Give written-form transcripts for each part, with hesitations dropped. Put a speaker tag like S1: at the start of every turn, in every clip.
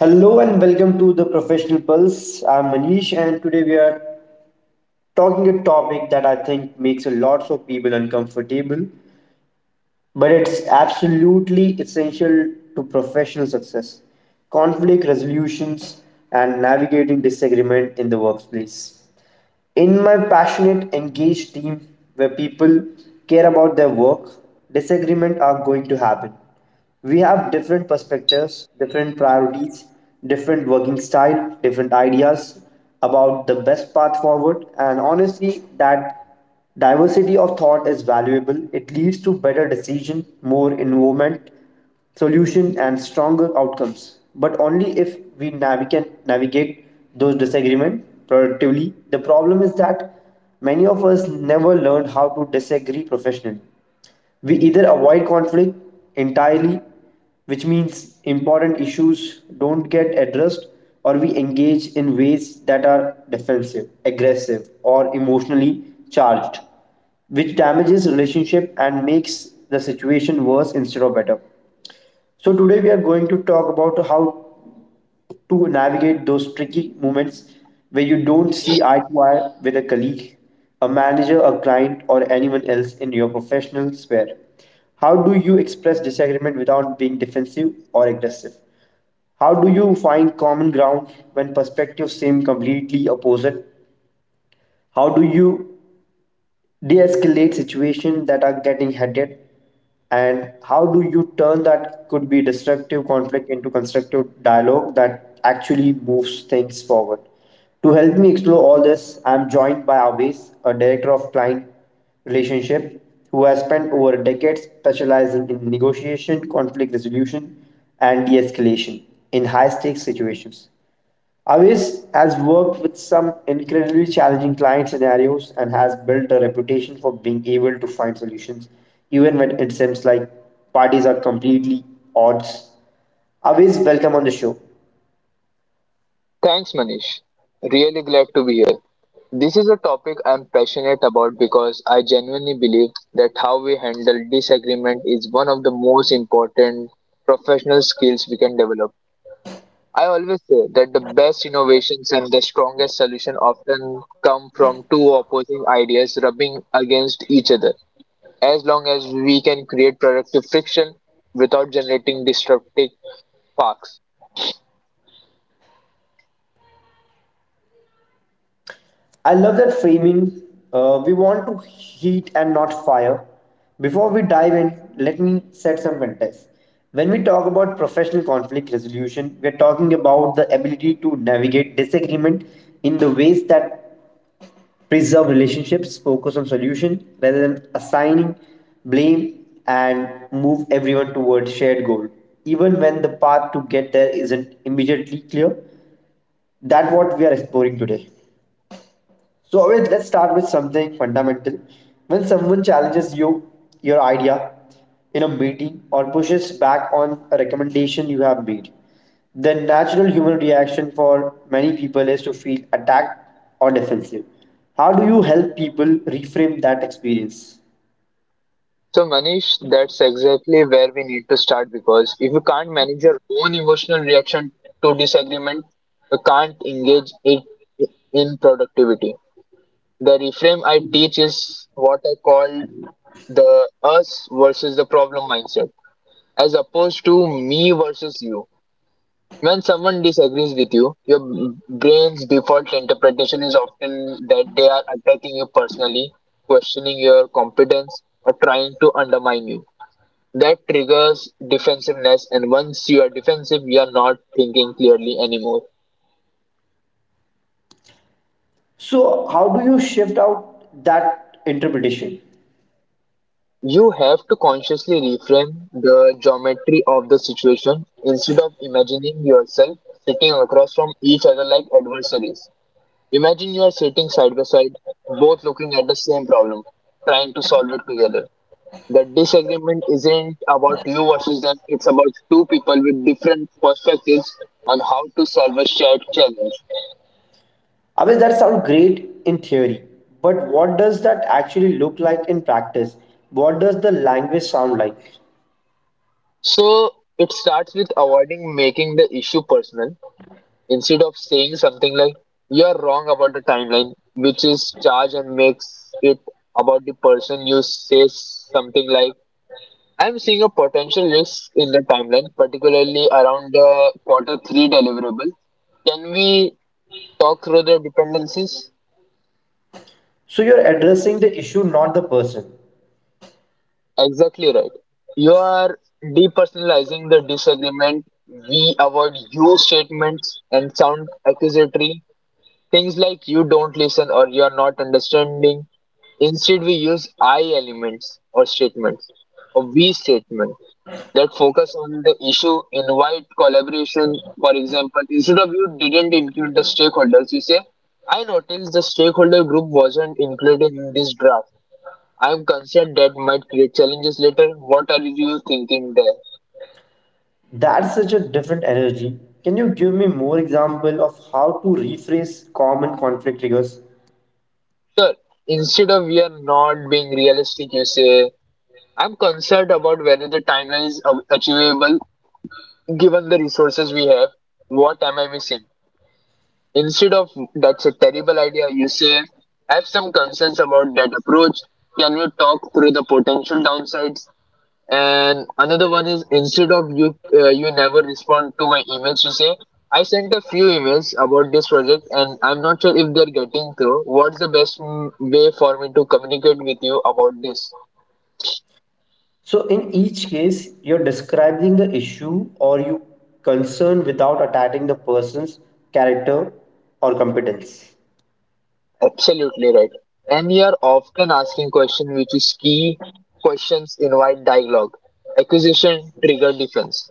S1: Hello and welcome to the Professional Pulse. I'm Manish, and today we are talking a topic that I think makes a lot of people uncomfortable, but it's absolutely essential to professional success: conflict resolutions and navigating disagreement in the workplace in my passionate, engaged team where people care about their work, disagreements are going to happen. We have different perspectives, different priorities, different working style, different ideas about the best path forward, and honestly, that diversity of thought is valuable. It leads to better decision, more involvement, solution, and stronger outcomes. But only if we navigate those disagreements productively. The problem is that many of us never learned how to disagree professionally. We either avoid conflict entirely, which means important issues don't get addressed, or we engage in ways that are defensive, aggressive, or emotionally charged, which damages relationship and makes the situation worse instead of better. So today we are going to talk about how to navigate those tricky moments where you don't see eye to eye with a colleague, a manager, a client, or anyone else in your professional sphere. How do you express disagreement without being defensive or aggressive? How do you find common ground when perspectives seem completely opposite? How do you de-escalate situations that are getting heated, and how do you turn that could be destructive conflict into constructive dialogue that actually moves things forward to help me explore all this? I'm joined by Avis, a director of client relationship who has spent over a decade specializing in negotiation conflict resolution and de-escalation in high stakes situations. Avis has worked with some incredibly challenging client scenarios and has built a reputation for being able to find solutions even when it seems like parties are completely odds. Avis, welcome on the show.
S2: Thanks, Manish. Really glad to be here. This is a topic I'm passionate about because I genuinely believe that how we handle disagreement is one of the most important professional skills we can develop. I always say that the best innovations and the strongest solution often come from two opposing ideas rubbing against each other. As long as we can create productive friction without generating disruptive sparks.
S1: I love that framing. We want to heat and not fire. Before we dive in, let me set some context. When we talk about professional conflict resolution, we're talking about the ability to navigate disagreement in the ways that preserve relationships, focus on solution rather than assigning blame, and move everyone towards shared goal. Even when the path to get there isn't immediately clear, that's what we are exploring today. So always, let's start with something fundamental. When someone challenges you, your idea in a meeting or pushes back on a recommendation you have made, the natural human reaction for many people is to feel attacked or defensive. How do you help people reframe that experience?
S2: So, Manish, that's exactly where we need to start because if you can't manage your own emotional reaction to disagreement, you can't engage it in productivity. The reframe I teach is what I call the us versus the problem mindset, as opposed to me versus you. When someone disagrees with you, your brain's default interpretation is often that they are attacking you personally, questioning your competence, or trying to undermine you. That triggers defensiveness, and once you are defensive, you are not thinking clearly anymore.
S1: So how do you shift out that interpretation?
S2: You have to consciously reframe the geometry of the situation instead of imagining yourself sitting across from each other like adversaries. Imagine you are sitting side by side, both looking at the same problem, trying to solve it together. The disagreement isn't about you versus them, it's about two people with different perspectives on how to solve a shared challenge.
S1: I mean that sounds great in theory, but what does that actually look like in practice? What does the language sound like?
S2: So it starts with avoiding making the issue personal instead of saying something like you're wrong about the timeline, which is charged and makes it about the person. You say something like I'm seeing a potential risk in the timeline, particularly around the quarter three deliverable. Can we talk through the dependencies?
S1: So you're addressing the issue, not the person.
S2: Exactly right. You are depersonalizing the disagreement. We avoid you statements and sound accusatory. Things like you don't listen or you're not understanding. Instead, we use I elements or statements or we statement that focus on the issue, invite collaboration. For example, instead of you didn't include the stakeholders, you say, I noticed the stakeholder group wasn't included in this draft. I'm concerned that might create challenges later. What are you thinking there?
S1: That's such a different energy. Can you give me more example of how to rephrase common conflict triggers?
S2: Sure. Instead of we are not being realistic, you say, I'm concerned about whether the timeline is achievable given the resources we have, what am I missing? Instead of that's a terrible idea, you say, I have some concerns about that approach. Can we talk through the potential downsides? And another one is instead of you never respond to my emails. You say, I sent a few emails about this project and I'm not sure if they're getting through. What's the best way for me to communicate with you about this?
S1: So in each case, you're describing the issue or you concern without attacking the person's character or competence.
S2: Absolutely right. And we are often asking questions which is key. Questions invite dialogue. Acquisition trigger defense.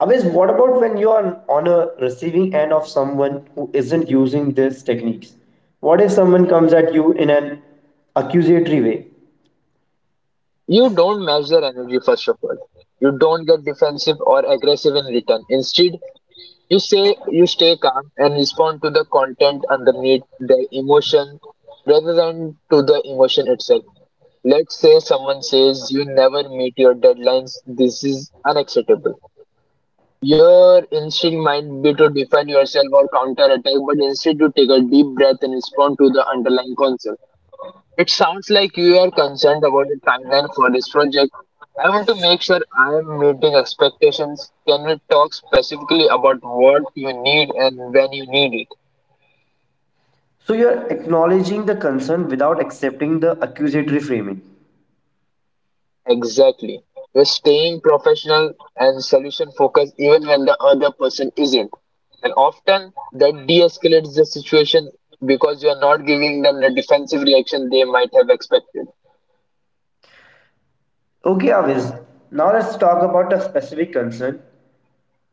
S1: Always, what about when you are on a receiving end of someone who isn't using these techniques? What if someone comes at you in an accusatory way?
S2: You don't measure energy first of all. You don't get defensive or aggressive in return. Instead, you say you stay calm and respond to the content underneath the emotion rather than to the emotion itself. Let's say someone says you never meet your deadlines. This is unacceptable. Your instinct might be to defend yourself or counterattack, but instead you take a deep breath and respond to the underlying concept. It sounds like you are concerned about the timeline for this project. I want to make sure I am meeting expectations. Can we talk specifically about what you need and when you need it?
S1: So you're acknowledging the concern without accepting the accusatory framing.
S2: Exactly. You're staying professional and solution focused even when the other person isn't. And often that de escalates the situation because you're not giving them the defensive reaction they might have expected.
S1: Okay, Aviz. Now let's talk about a specific concern.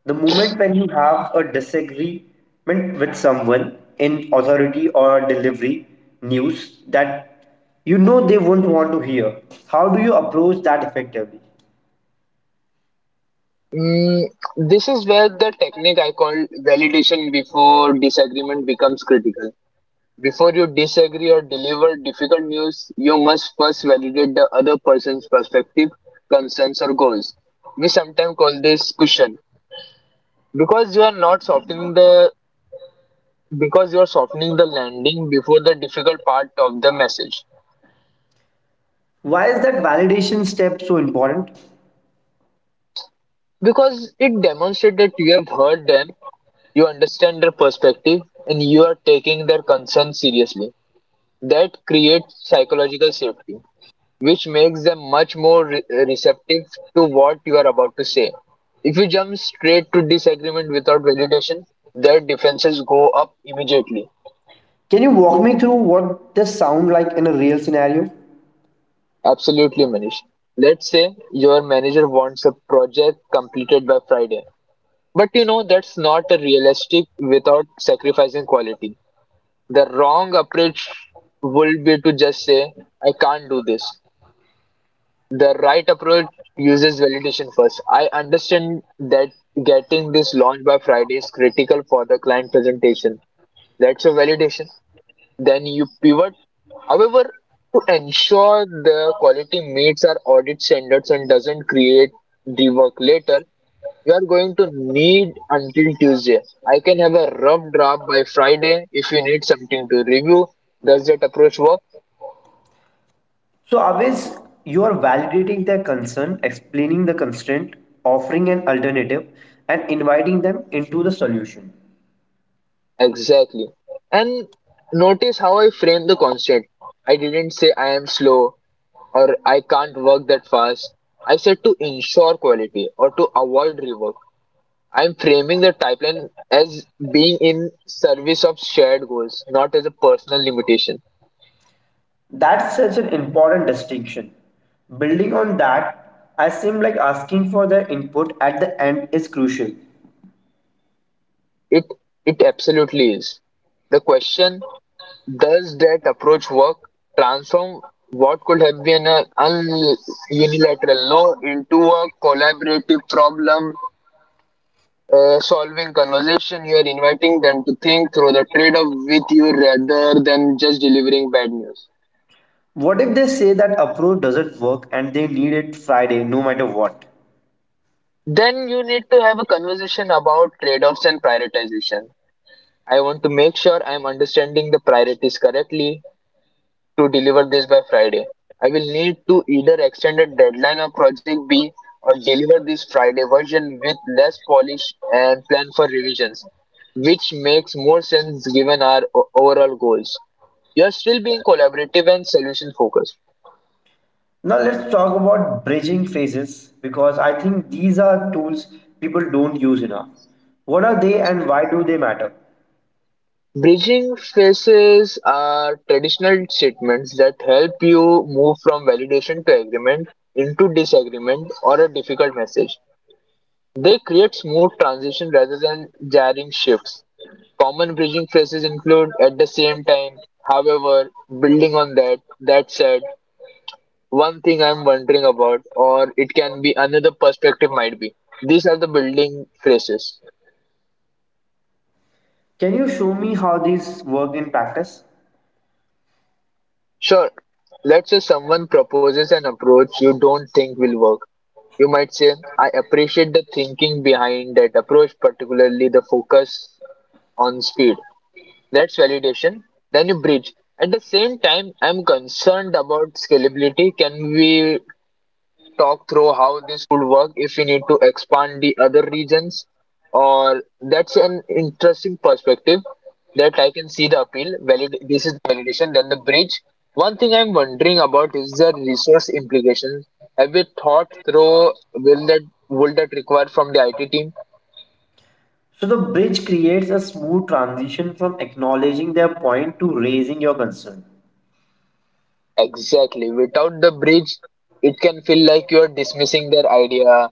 S1: The moment when you have a disagreement with someone in authority or delivery news that you know they won't want to hear. How do you approach that effectively?
S2: Mm, this is where the technique I call validation before disagreement becomes critical. Before you disagree or deliver difficult news, you must first validate the other person's perspective, concerns, or goals. We sometimes call this cushion because you are not softening the because you are softening the landing before the difficult part of the message.
S1: Why is that validation step so important?
S2: Because it demonstrates that you have heard them, you understand their perspective and you are taking their concerns seriously. That creates psychological safety which makes them much more receptive to what you are about to say. If you jump straight to disagreement without validation, their defenses go up immediately.
S1: Can you walk me through what this sound like in a real scenario?
S2: Absolutely, Manish. Let's say your manager wants a project completed by Friday. But you know, that's not a realistic without sacrificing quality. The wrong approach would be to just say, I can't do this. The right approach uses validation first. I understand that getting this launched by Friday is critical for the client presentation. That's a validation. Then you pivot, however, to ensure the quality meets our audit standards and doesn't create rework later. You are going to need until Tuesday. I can have a rough draft by Friday if you need something to review. Does that approach work?
S1: So, always, you are validating their concern, explaining the constraint, offering an alternative, and inviting them into the solution.
S2: Exactly. And notice how I frame the concept. I didn't say I am slow or I can't work that fast. I said to ensure quality or to avoid rework. I'm framing the pipeline as being in service of shared goals, not as a personal limitation.
S1: That's such an important distinction. Building on that, I seem like asking for their input at the end is crucial.
S2: It it absolutely is. The question does that approach work transform what could have been an unilateral no into a collaborative problem solving conversation? You are inviting them to think through the trade off with you rather than just delivering bad news.
S1: What if they say that approach doesn't work and they need it Friday no matter what?
S2: Then you need to have a conversation about trade offs and prioritization. I want to make sure I'm understanding the priorities correctly. To deliver this by Friday, I will need to either extend a deadline of project B or deliver this Friday version with less polish and plan for revisions, which makes more sense given our overall goals. You're still being collaborative and solution focused.
S1: Now let's talk about bridging phases because I think these are tools people don't use enough. What are they and why do they matter?
S2: Bridging phases are traditional statements that help you move from validation to agreement into disagreement or a difficult message. They create smooth transition rather than jarring shifts. Common bridging phrases include at the same time, however, building on that, that said, one thing I'm wondering about, or it can be another perspective might be. These are the building phrases.
S1: Can you show me how these work in practice?
S2: Sure, let's say someone proposes an approach you don't think will work. You might say, I appreciate the thinking behind that approach, particularly the focus on speed. That's validation. Then you bridge. At the same time, I'm concerned about scalability. Can we talk through how this would work if we need to expand the other regions? Or that's an interesting perspective that I can see the appeal. Valid this is validation, then the bridge. One thing I'm wondering about is the resource implications. Have we thought through will that would that require from the IT team?
S1: So the bridge creates a smooth transition from acknowledging their point to raising your concern.
S2: Exactly. Without the bridge, it can feel like you're dismissing their idea.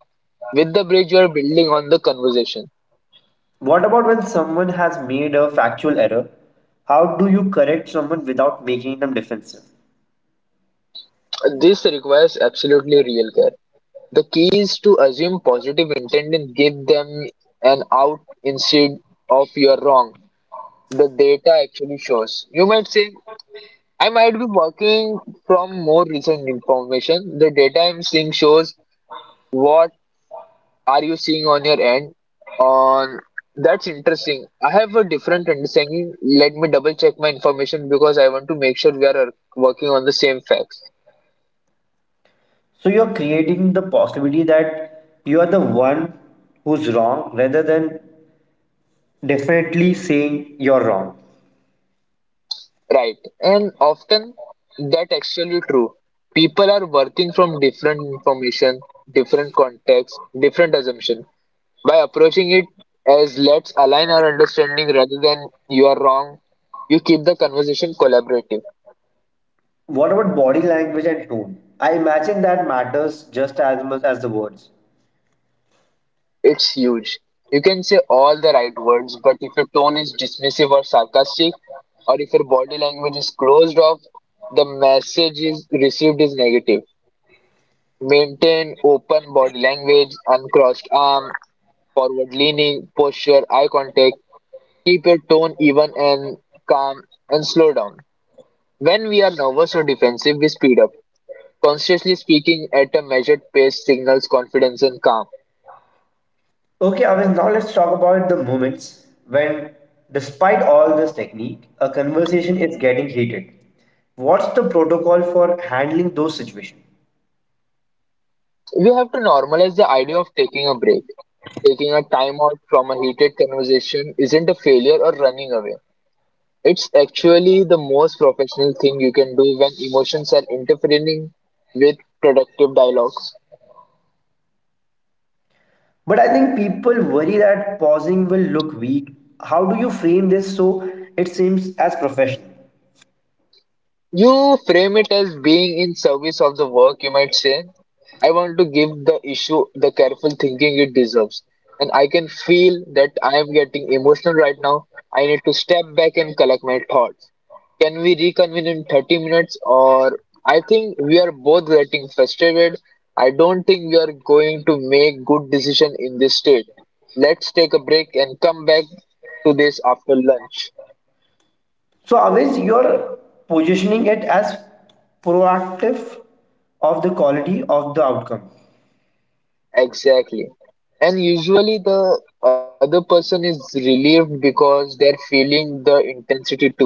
S2: With the bridge, you're building on the conversation.
S1: What about when someone has made a factual error? How do you correct someone without making them defensive?
S2: This requires absolutely real care. The key is to assume positive intent and give them an out instead of you're wrong. The data actually shows. You might say, I might be working from more recent information. The data I'm seeing shows what are you seeing on your end? On that's interesting. I have a different understanding. Let me double check my information because I want to make sure we are working on the same facts.
S1: So you're creating the possibility that you are the one who's wrong rather than definitely saying you're wrong.
S2: Right. And often that actually true. People are working from different information, different context, different assumption. By approaching it as let's align our understanding rather than you are wrong, you keep the conversation collaborative.
S1: What about body language and tone? I imagine that matters just as much as the words.
S2: It's huge. You can say all the right words, but if your tone is dismissive or sarcastic, or if your body language is closed off, the message is received is negative. Maintain open body language, uncrossed arm, forward leaning, posture, eye contact. Keep your tone even and calm and slow down. When we are nervous or defensive, we speed up. Consciously speaking at a measured pace signals confidence and calm.
S1: Okay, Avin, now let's talk about the moments when, despite all this technique, a conversation is getting heated. What's the protocol for handling those situations?
S2: We have to normalize the idea of taking a break. Taking a time out from a heated conversation isn't a failure or running away. It's actually the most professional thing you can do when emotions are interfering with productive dialogue.
S1: But I think people worry that pausing will look weak. How do you frame this so it seems as professional?
S2: You frame it as being in service of the work, you might say. I want to give the issue the careful thinking it deserves. And I can feel that I am getting emotional right now. I need to step back and collect my thoughts. Can we reconvene in 30 minutes? Or I think we are both getting frustrated. I don't think we are going to make good decision in this state. Let's take a break and come back to this after lunch.
S1: So, always, you're positioning it as proactive of the quality of the outcome.
S2: Exactly. And usually the other person is relieved because they're feeling the intensity too.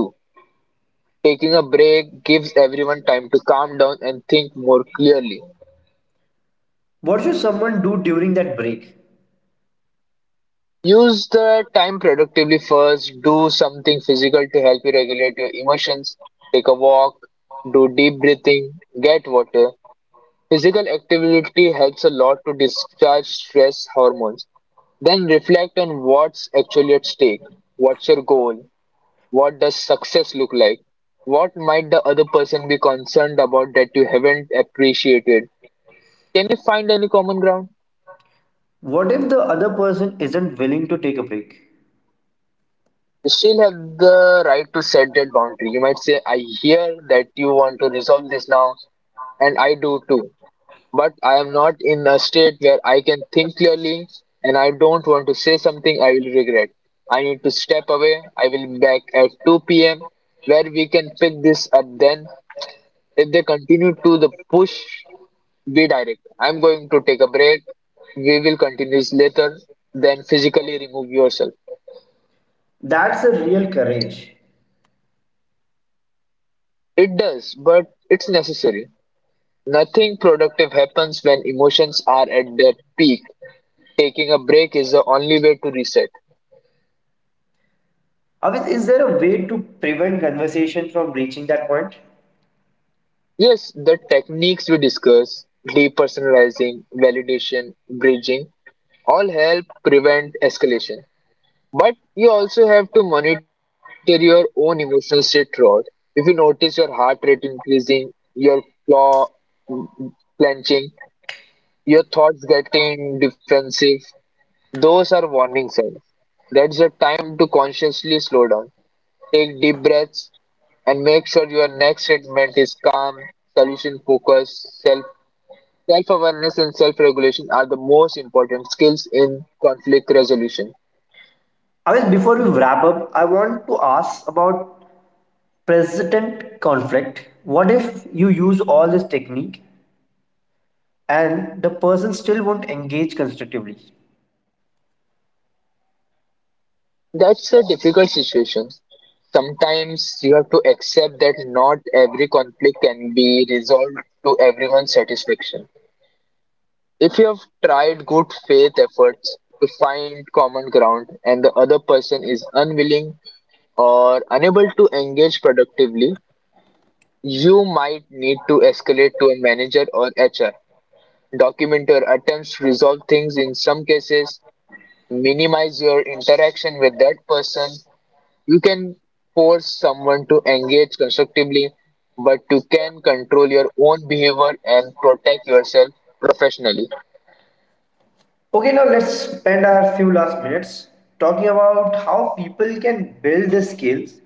S2: Taking a break gives everyone time to calm down and think more clearly.
S1: What should someone do during that break?
S2: Use the time productively first, do something physical to help you regulate your emotions, take a walk, do deep breathing, get water. Physical activity helps a lot to discharge stress hormones. Then reflect on what's actually at stake. What's your goal? What does success look like? What might the other person be concerned about that you haven't appreciated? Can you find any common ground?
S1: What if the other person isn't willing to take a break?
S2: You still have the right to set that boundary. You might say, I hear that you want to resolve this now, and I do too. But I am not in a state where I can think clearly, and I don't want to say something I will regret. I need to step away. I will be back at 2 p.m. where we can pick this up then. If they continue to the push, be direct. I'm going to take a break. We will continue this later. Then physically remove yourself.
S1: That's a real courage.
S2: It does, but it's necessary. Nothing productive happens when emotions are at their peak. Taking a break is the only way to reset.
S1: Avis, is there a way to prevent conversation from reaching that point?
S2: Yes, the techniques we discuss, depersonalizing, validation, bridging, all help prevent escalation. But you also have to monitor your own emotional state throughout. If you notice your heart rate increasing, your claw mm, clenching, your thoughts getting defensive, those are warning signs. That's your time to consciously slow down. Take deep breaths and make sure your next statement is calm, solution focused, self awareness and self regulation are the most important skills in conflict resolution.
S1: Avis, before we wrap up, I want to ask about persistent conflict. What if you use all this technique and the person still won't engage constructively?
S2: That's a difficult situation. Sometimes you have to accept that not every conflict can be resolved to everyone's satisfaction. If you have tried good faith efforts to find common ground and the other person is unwilling or unable to engage productively, you might need to escalate to a manager or HR. Document your attempts to resolve things in some cases, minimize your interaction with that person. You can force someone to engage constructively, but you can control your own behavior and protect yourself professionally.
S1: Okay, now let's spend our few last minutes talking about how people can build the skills.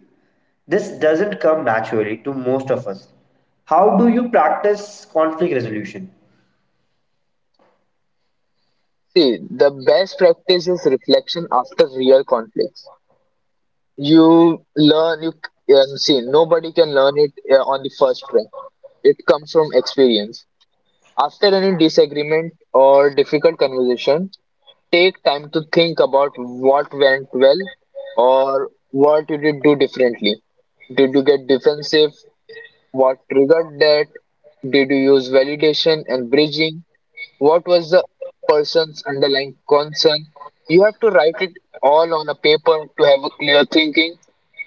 S1: This doesn't come naturally to most of us. How do you practice conflict resolution?
S2: See, the best practice is reflection after real conflicts. You learn, see, nobody can learn it on the first try. It comes from experience. After any disagreement or difficult conversation, take time to think about what went well or what you did do differently. Did you get defensive? What triggered that? Did you use validation and bridging? What was the person's underlying concern? You have to write it all on a paper to have a clear thinking.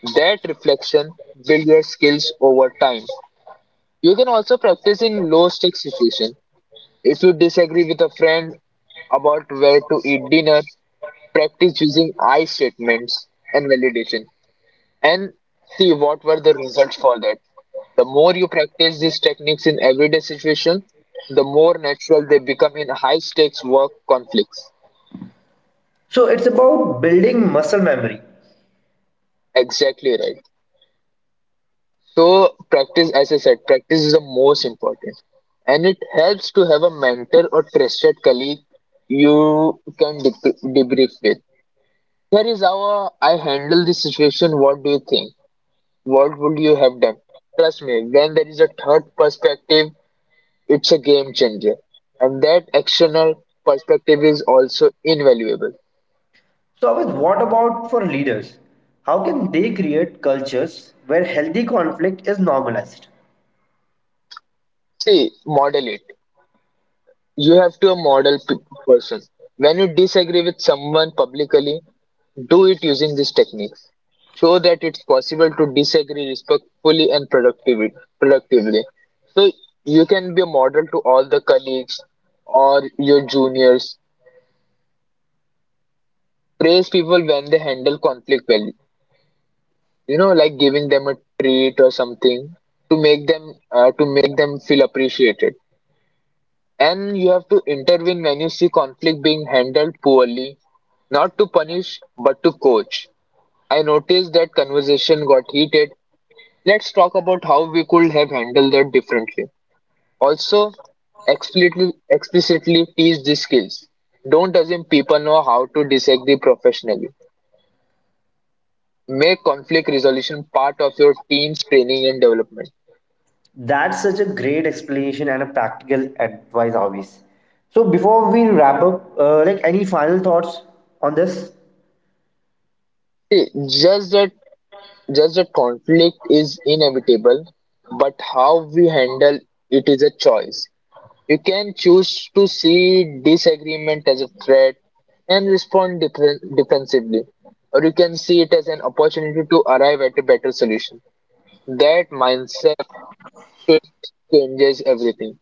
S2: That reflection builds your skills over time. You can also practice in low stakes situations if you disagree with a friend about where to eat dinner, practice using I statements and validation and see what were the results for that. The more you practice these techniques in everyday situations, the more natural they become in high stakes work conflicts.
S1: So it's about building muscle memory.
S2: Exactly right. So, practice, as I said, practice is the most important. And it helps to have a mentor or trusted colleague you can debrief with. Here is how I handle this situation. What do you think? What would you have done? Trust me, when there is a third perspective, it's a game changer. And that external perspective is also invaluable.
S1: So Avith, what about for leaders? How can they create cultures where healthy conflict is normalized?
S2: See, model it. You have to a person. When you disagree with someone publicly, do it using these techniques. Show that it's possible to disagree respectfully and productively. So you can be a model to all the colleagues or your juniors. Praise people when they handle conflict well. You know, like giving them a treat or something to make them feel appreciated. And you have to intervene when you see conflict being handled poorly, not to punish, but to coach. I noticed that conversation got heated. Let's talk about how we could have handled that differently. Also, explicitly teach these skills. Don't assume people know how to disagree professionally. Make conflict resolution part of your team's training and development.
S1: That's such a great explanation and a practical advice always. So before we wrap up, like any final thoughts on this?
S2: See, just that Just a conflict is inevitable, but how we handle it is a choice. You can choose to see disagreement as a threat and respond defensively, or you can see it as an opportunity to arrive at a better solution. That mindset shift changes everything.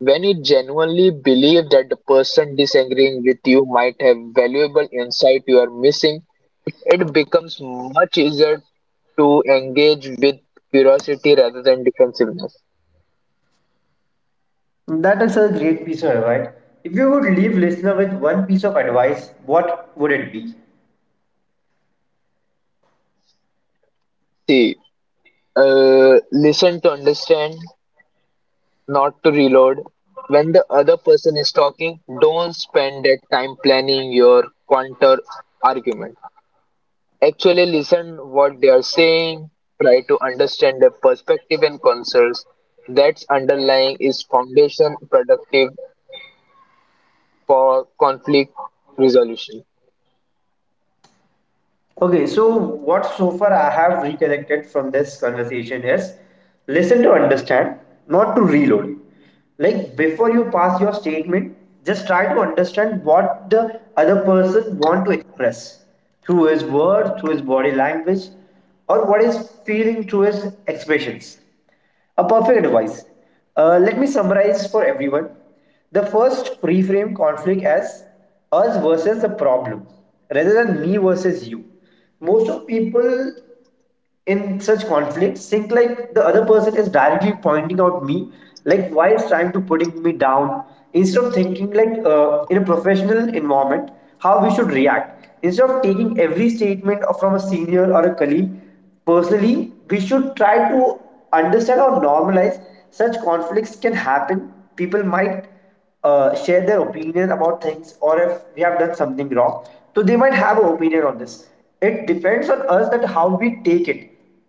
S2: When you genuinely believe that the person disagreeing with you might have valuable insight you are missing, it becomes much easier to engage with curiosity rather than defensiveness.
S1: That is a great piece of advice. If you would leave listener with one piece of advice, what would it be?
S2: See, listen to understand, not to reload. When the other person is talking, don't spend that time planning your counter argument. Actually listen what they are saying, try to understand their perspective and concerns. That's underlying is foundation productive for conflict resolution.
S1: Okay, so what so far I have recollected from this conversation is listen to understand, not to reload. Like before you pass your statement, just try to understand what the other person want to express through his words, through his body language, or what is feeling through his expressions. A perfect advice. Let me summarize for everyone. The first, reframe conflict as us versus the problem rather than me versus you. Most of people in such conflicts think like the other person is directly pointing out me, like why is trying to putting me down, instead of thinking like in a professional environment how we should react, instead of taking every statement from a senior or a colleague personally. We should try to understand or normalize such conflicts can happen. People might share their opinion about things, or if we have done something wrong, so they might have an opinion on this. It depends on us that how we take it,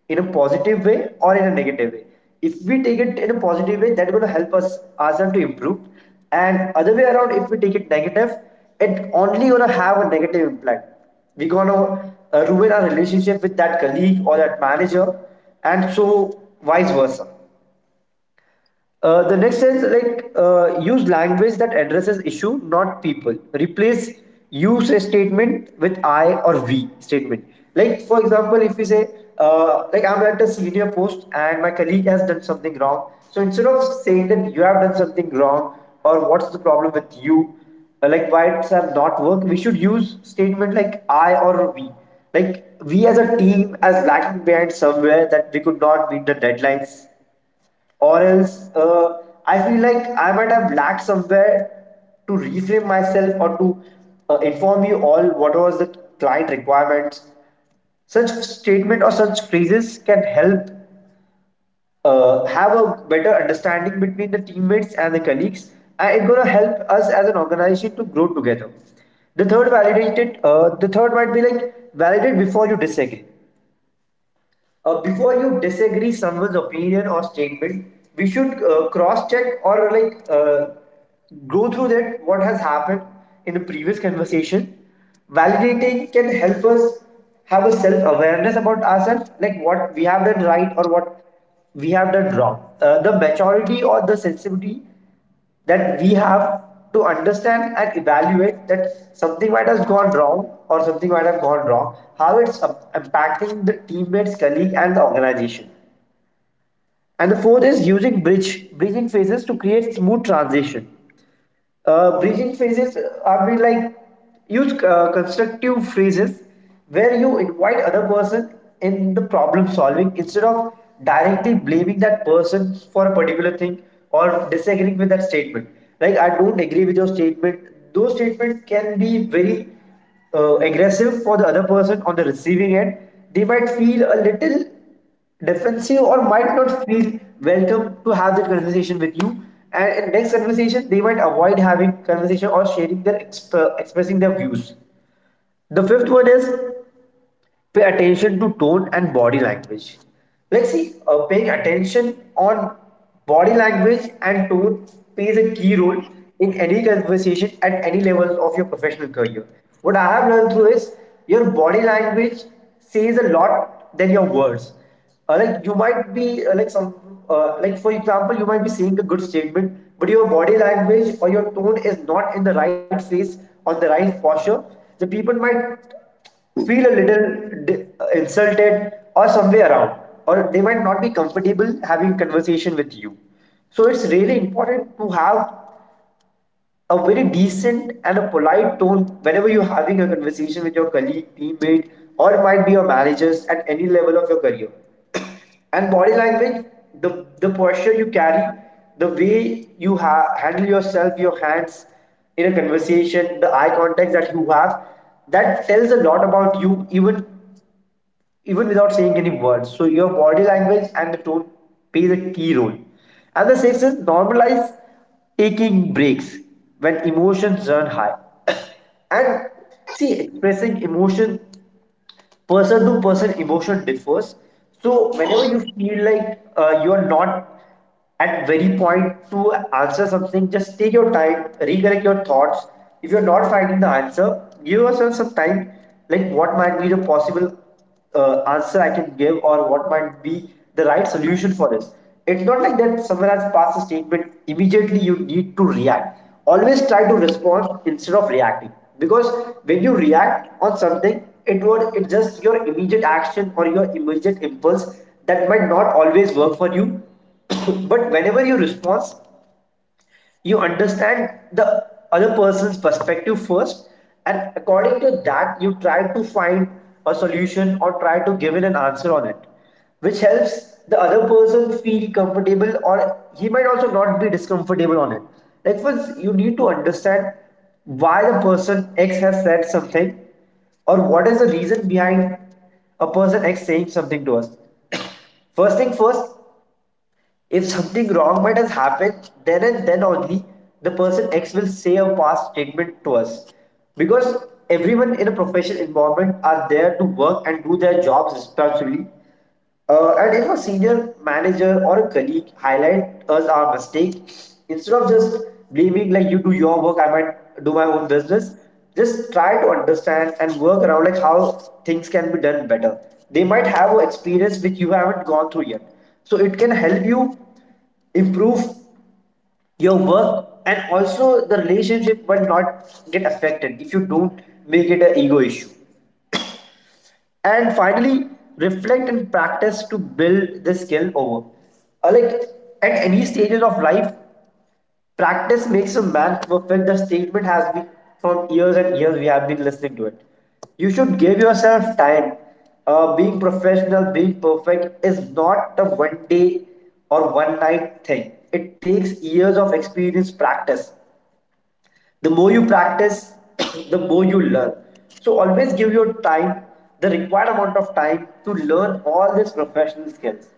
S1: in a positive way or in a negative way. If we take it in a positive way, that's going to help us ourselves to improve, and other way around, if we take it negative, it only going to have a negative impact. We're gonna ruin our relationship with that colleague or that manager, and so vice versa. The next is like, use language that addresses issue, not people. Replace use a statement with I or we statement. Like for example, if you say like I'm at a senior post and my colleague has done something wrong, so instead of saying that you have done something wrong or what's the problem with you, like why it's have not worked, we should use statement like I or we. Like we as a team as lagging behind somewhere that we could not meet the deadlines, or else I feel like I might have lacked somewhere to reframe myself or to inform you all what was the client requirements. Such statement or such phrases can help have a better understanding between the teammates and the colleagues, and it's gonna help us as an organization to grow together. The third, validated, the third might be like validate before you disagree. Before you disagree someone's opinion or statement, we should cross check, or like go through that what has happened in the previous conversation. Validating can help us have a self awareness about ourselves, like what we have done right or what we have done wrong. The maturity or the sensitivity that we have to understand and evaluate that something might have gone wrong or something might have gone wrong, how it's impacting the teammates, colleague, and the organization. And the fourth is using bridge bridging phases to create smooth transition. Bridging phrases, I mean like use constructive phrases where you invite other person in the problem solving, instead of directly blaming that person for a particular thing or disagreeing with that statement. Like I don't agree with your statement. Those statements can be very aggressive for the other person on the receiving end. They might feel a little defensive or might not feel welcome to have that conversation with you, and in next conversation they might avoid having conversation or sharing their expressing their views. The fifth one is pay attention to tone and body language. Let's see, paying attention on body language and tone plays a key role in any conversation at any level of your professional career. What I have learned through is your body language says a lot than your words. Like you might be like, for example, you might be saying a good statement, but your body language or your tone is not in the right phase or the right posture. The people might feel a little insulted or somewhere around, or they might not be comfortable having conversation with you. So it's really important to have a very decent and a polite tone whenever you're having a conversation with your colleague, teammate, or it might be your managers at any level of your career. And body language, the posture you carry, the way you handle yourself, your hands in a conversation, the eye contact that you have, that tells a lot about you, even without saying any words. So your body language and the tone plays a key role. And the sixth is normalize taking breaks when emotions run high. And see, expressing emotion, person to person emotion differs. So whenever you feel like you are not at very point to answer something, just take your time, recollect your thoughts. If you're not finding the answer, give yourself some time, like what might be the possible answer I can give, or what might be the right solution for this. It's not like that someone has passed a statement, immediately you need to react. Always try to respond instead of reacting. Because when you react on something, it's just your immediate action or your immediate impulse that might not always work for you. But whenever you respond, you understand the other person's perspective first, and according to that you try to find a solution or try to give it an answer on it, which helps the other person feel comfortable, or he might also not be discomfortable on it. Like, first you need to understand why the person x has said something, or what is the reason behind a person x saying something to us. First thing first, if something wrong might have happened, then and then only the person X will say a past statement to us. Because everyone in a professional environment are there to work and do their jobs responsibly. And if a senior manager or a colleague highlight us our mistake, instead of just blaming like you do your work, I might do my own business, just try to understand and work around like how things can be done better. They might have an experience which you haven't gone through yet, so it can help you improve your work, and also the relationship will not get affected if you don't make it an ego issue. And finally, reflect and practice to build the skill over. Like at any stages of life, practice makes a man perfect. The statement has been from years and years we have been listening to it. You should give yourself time. Being professional, being perfect is not a one day or one night thing. It takes years of experience practice. The more you practice, the more you learn. So always give your time, the required amount of time to learn all these professional skills.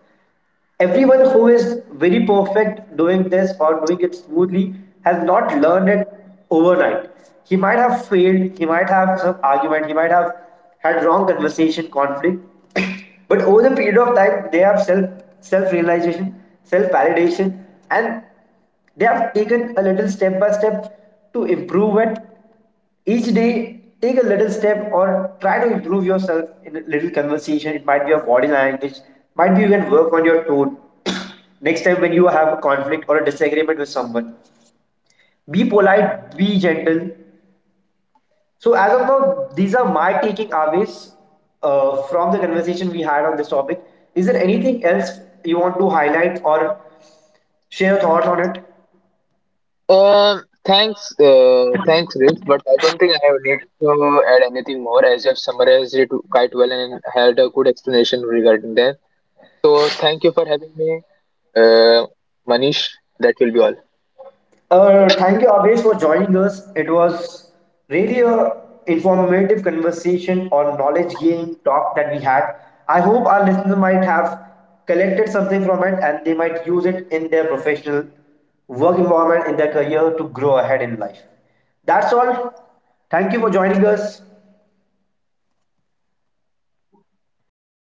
S1: Everyone who is very perfect doing this or doing it smoothly has not learned it overnight. He might have failed, he might have some argument, he might have had wrong conversation, conflict. But over the period of time, they have self realization, self validation, and they have taken a little step by step to improve it. Each day take a little step or try to improve yourself in a little conversation. It might be your body language, might be you can work on your tone. Next time when you have a conflict or a disagreement with someone, be polite, be gentle. So as of now, these are my taking aways from the conversation we had on this topic. Is there anything else you want to highlight or share your thoughts on it?
S2: Thanks, Riz, but I don't think I have need to add anything more as you have summarized it quite well and had a good explanation regarding that. So thank you for having me, uh, Manish. That will be all.
S1: Thank you, Abhish, for joining us. It was really a informative conversation on knowledge gain talk that we had. I hope our listeners might have collected something from it and they might use it in their professional work environment, in their career to grow ahead in life. That's all. Thank you for joining us.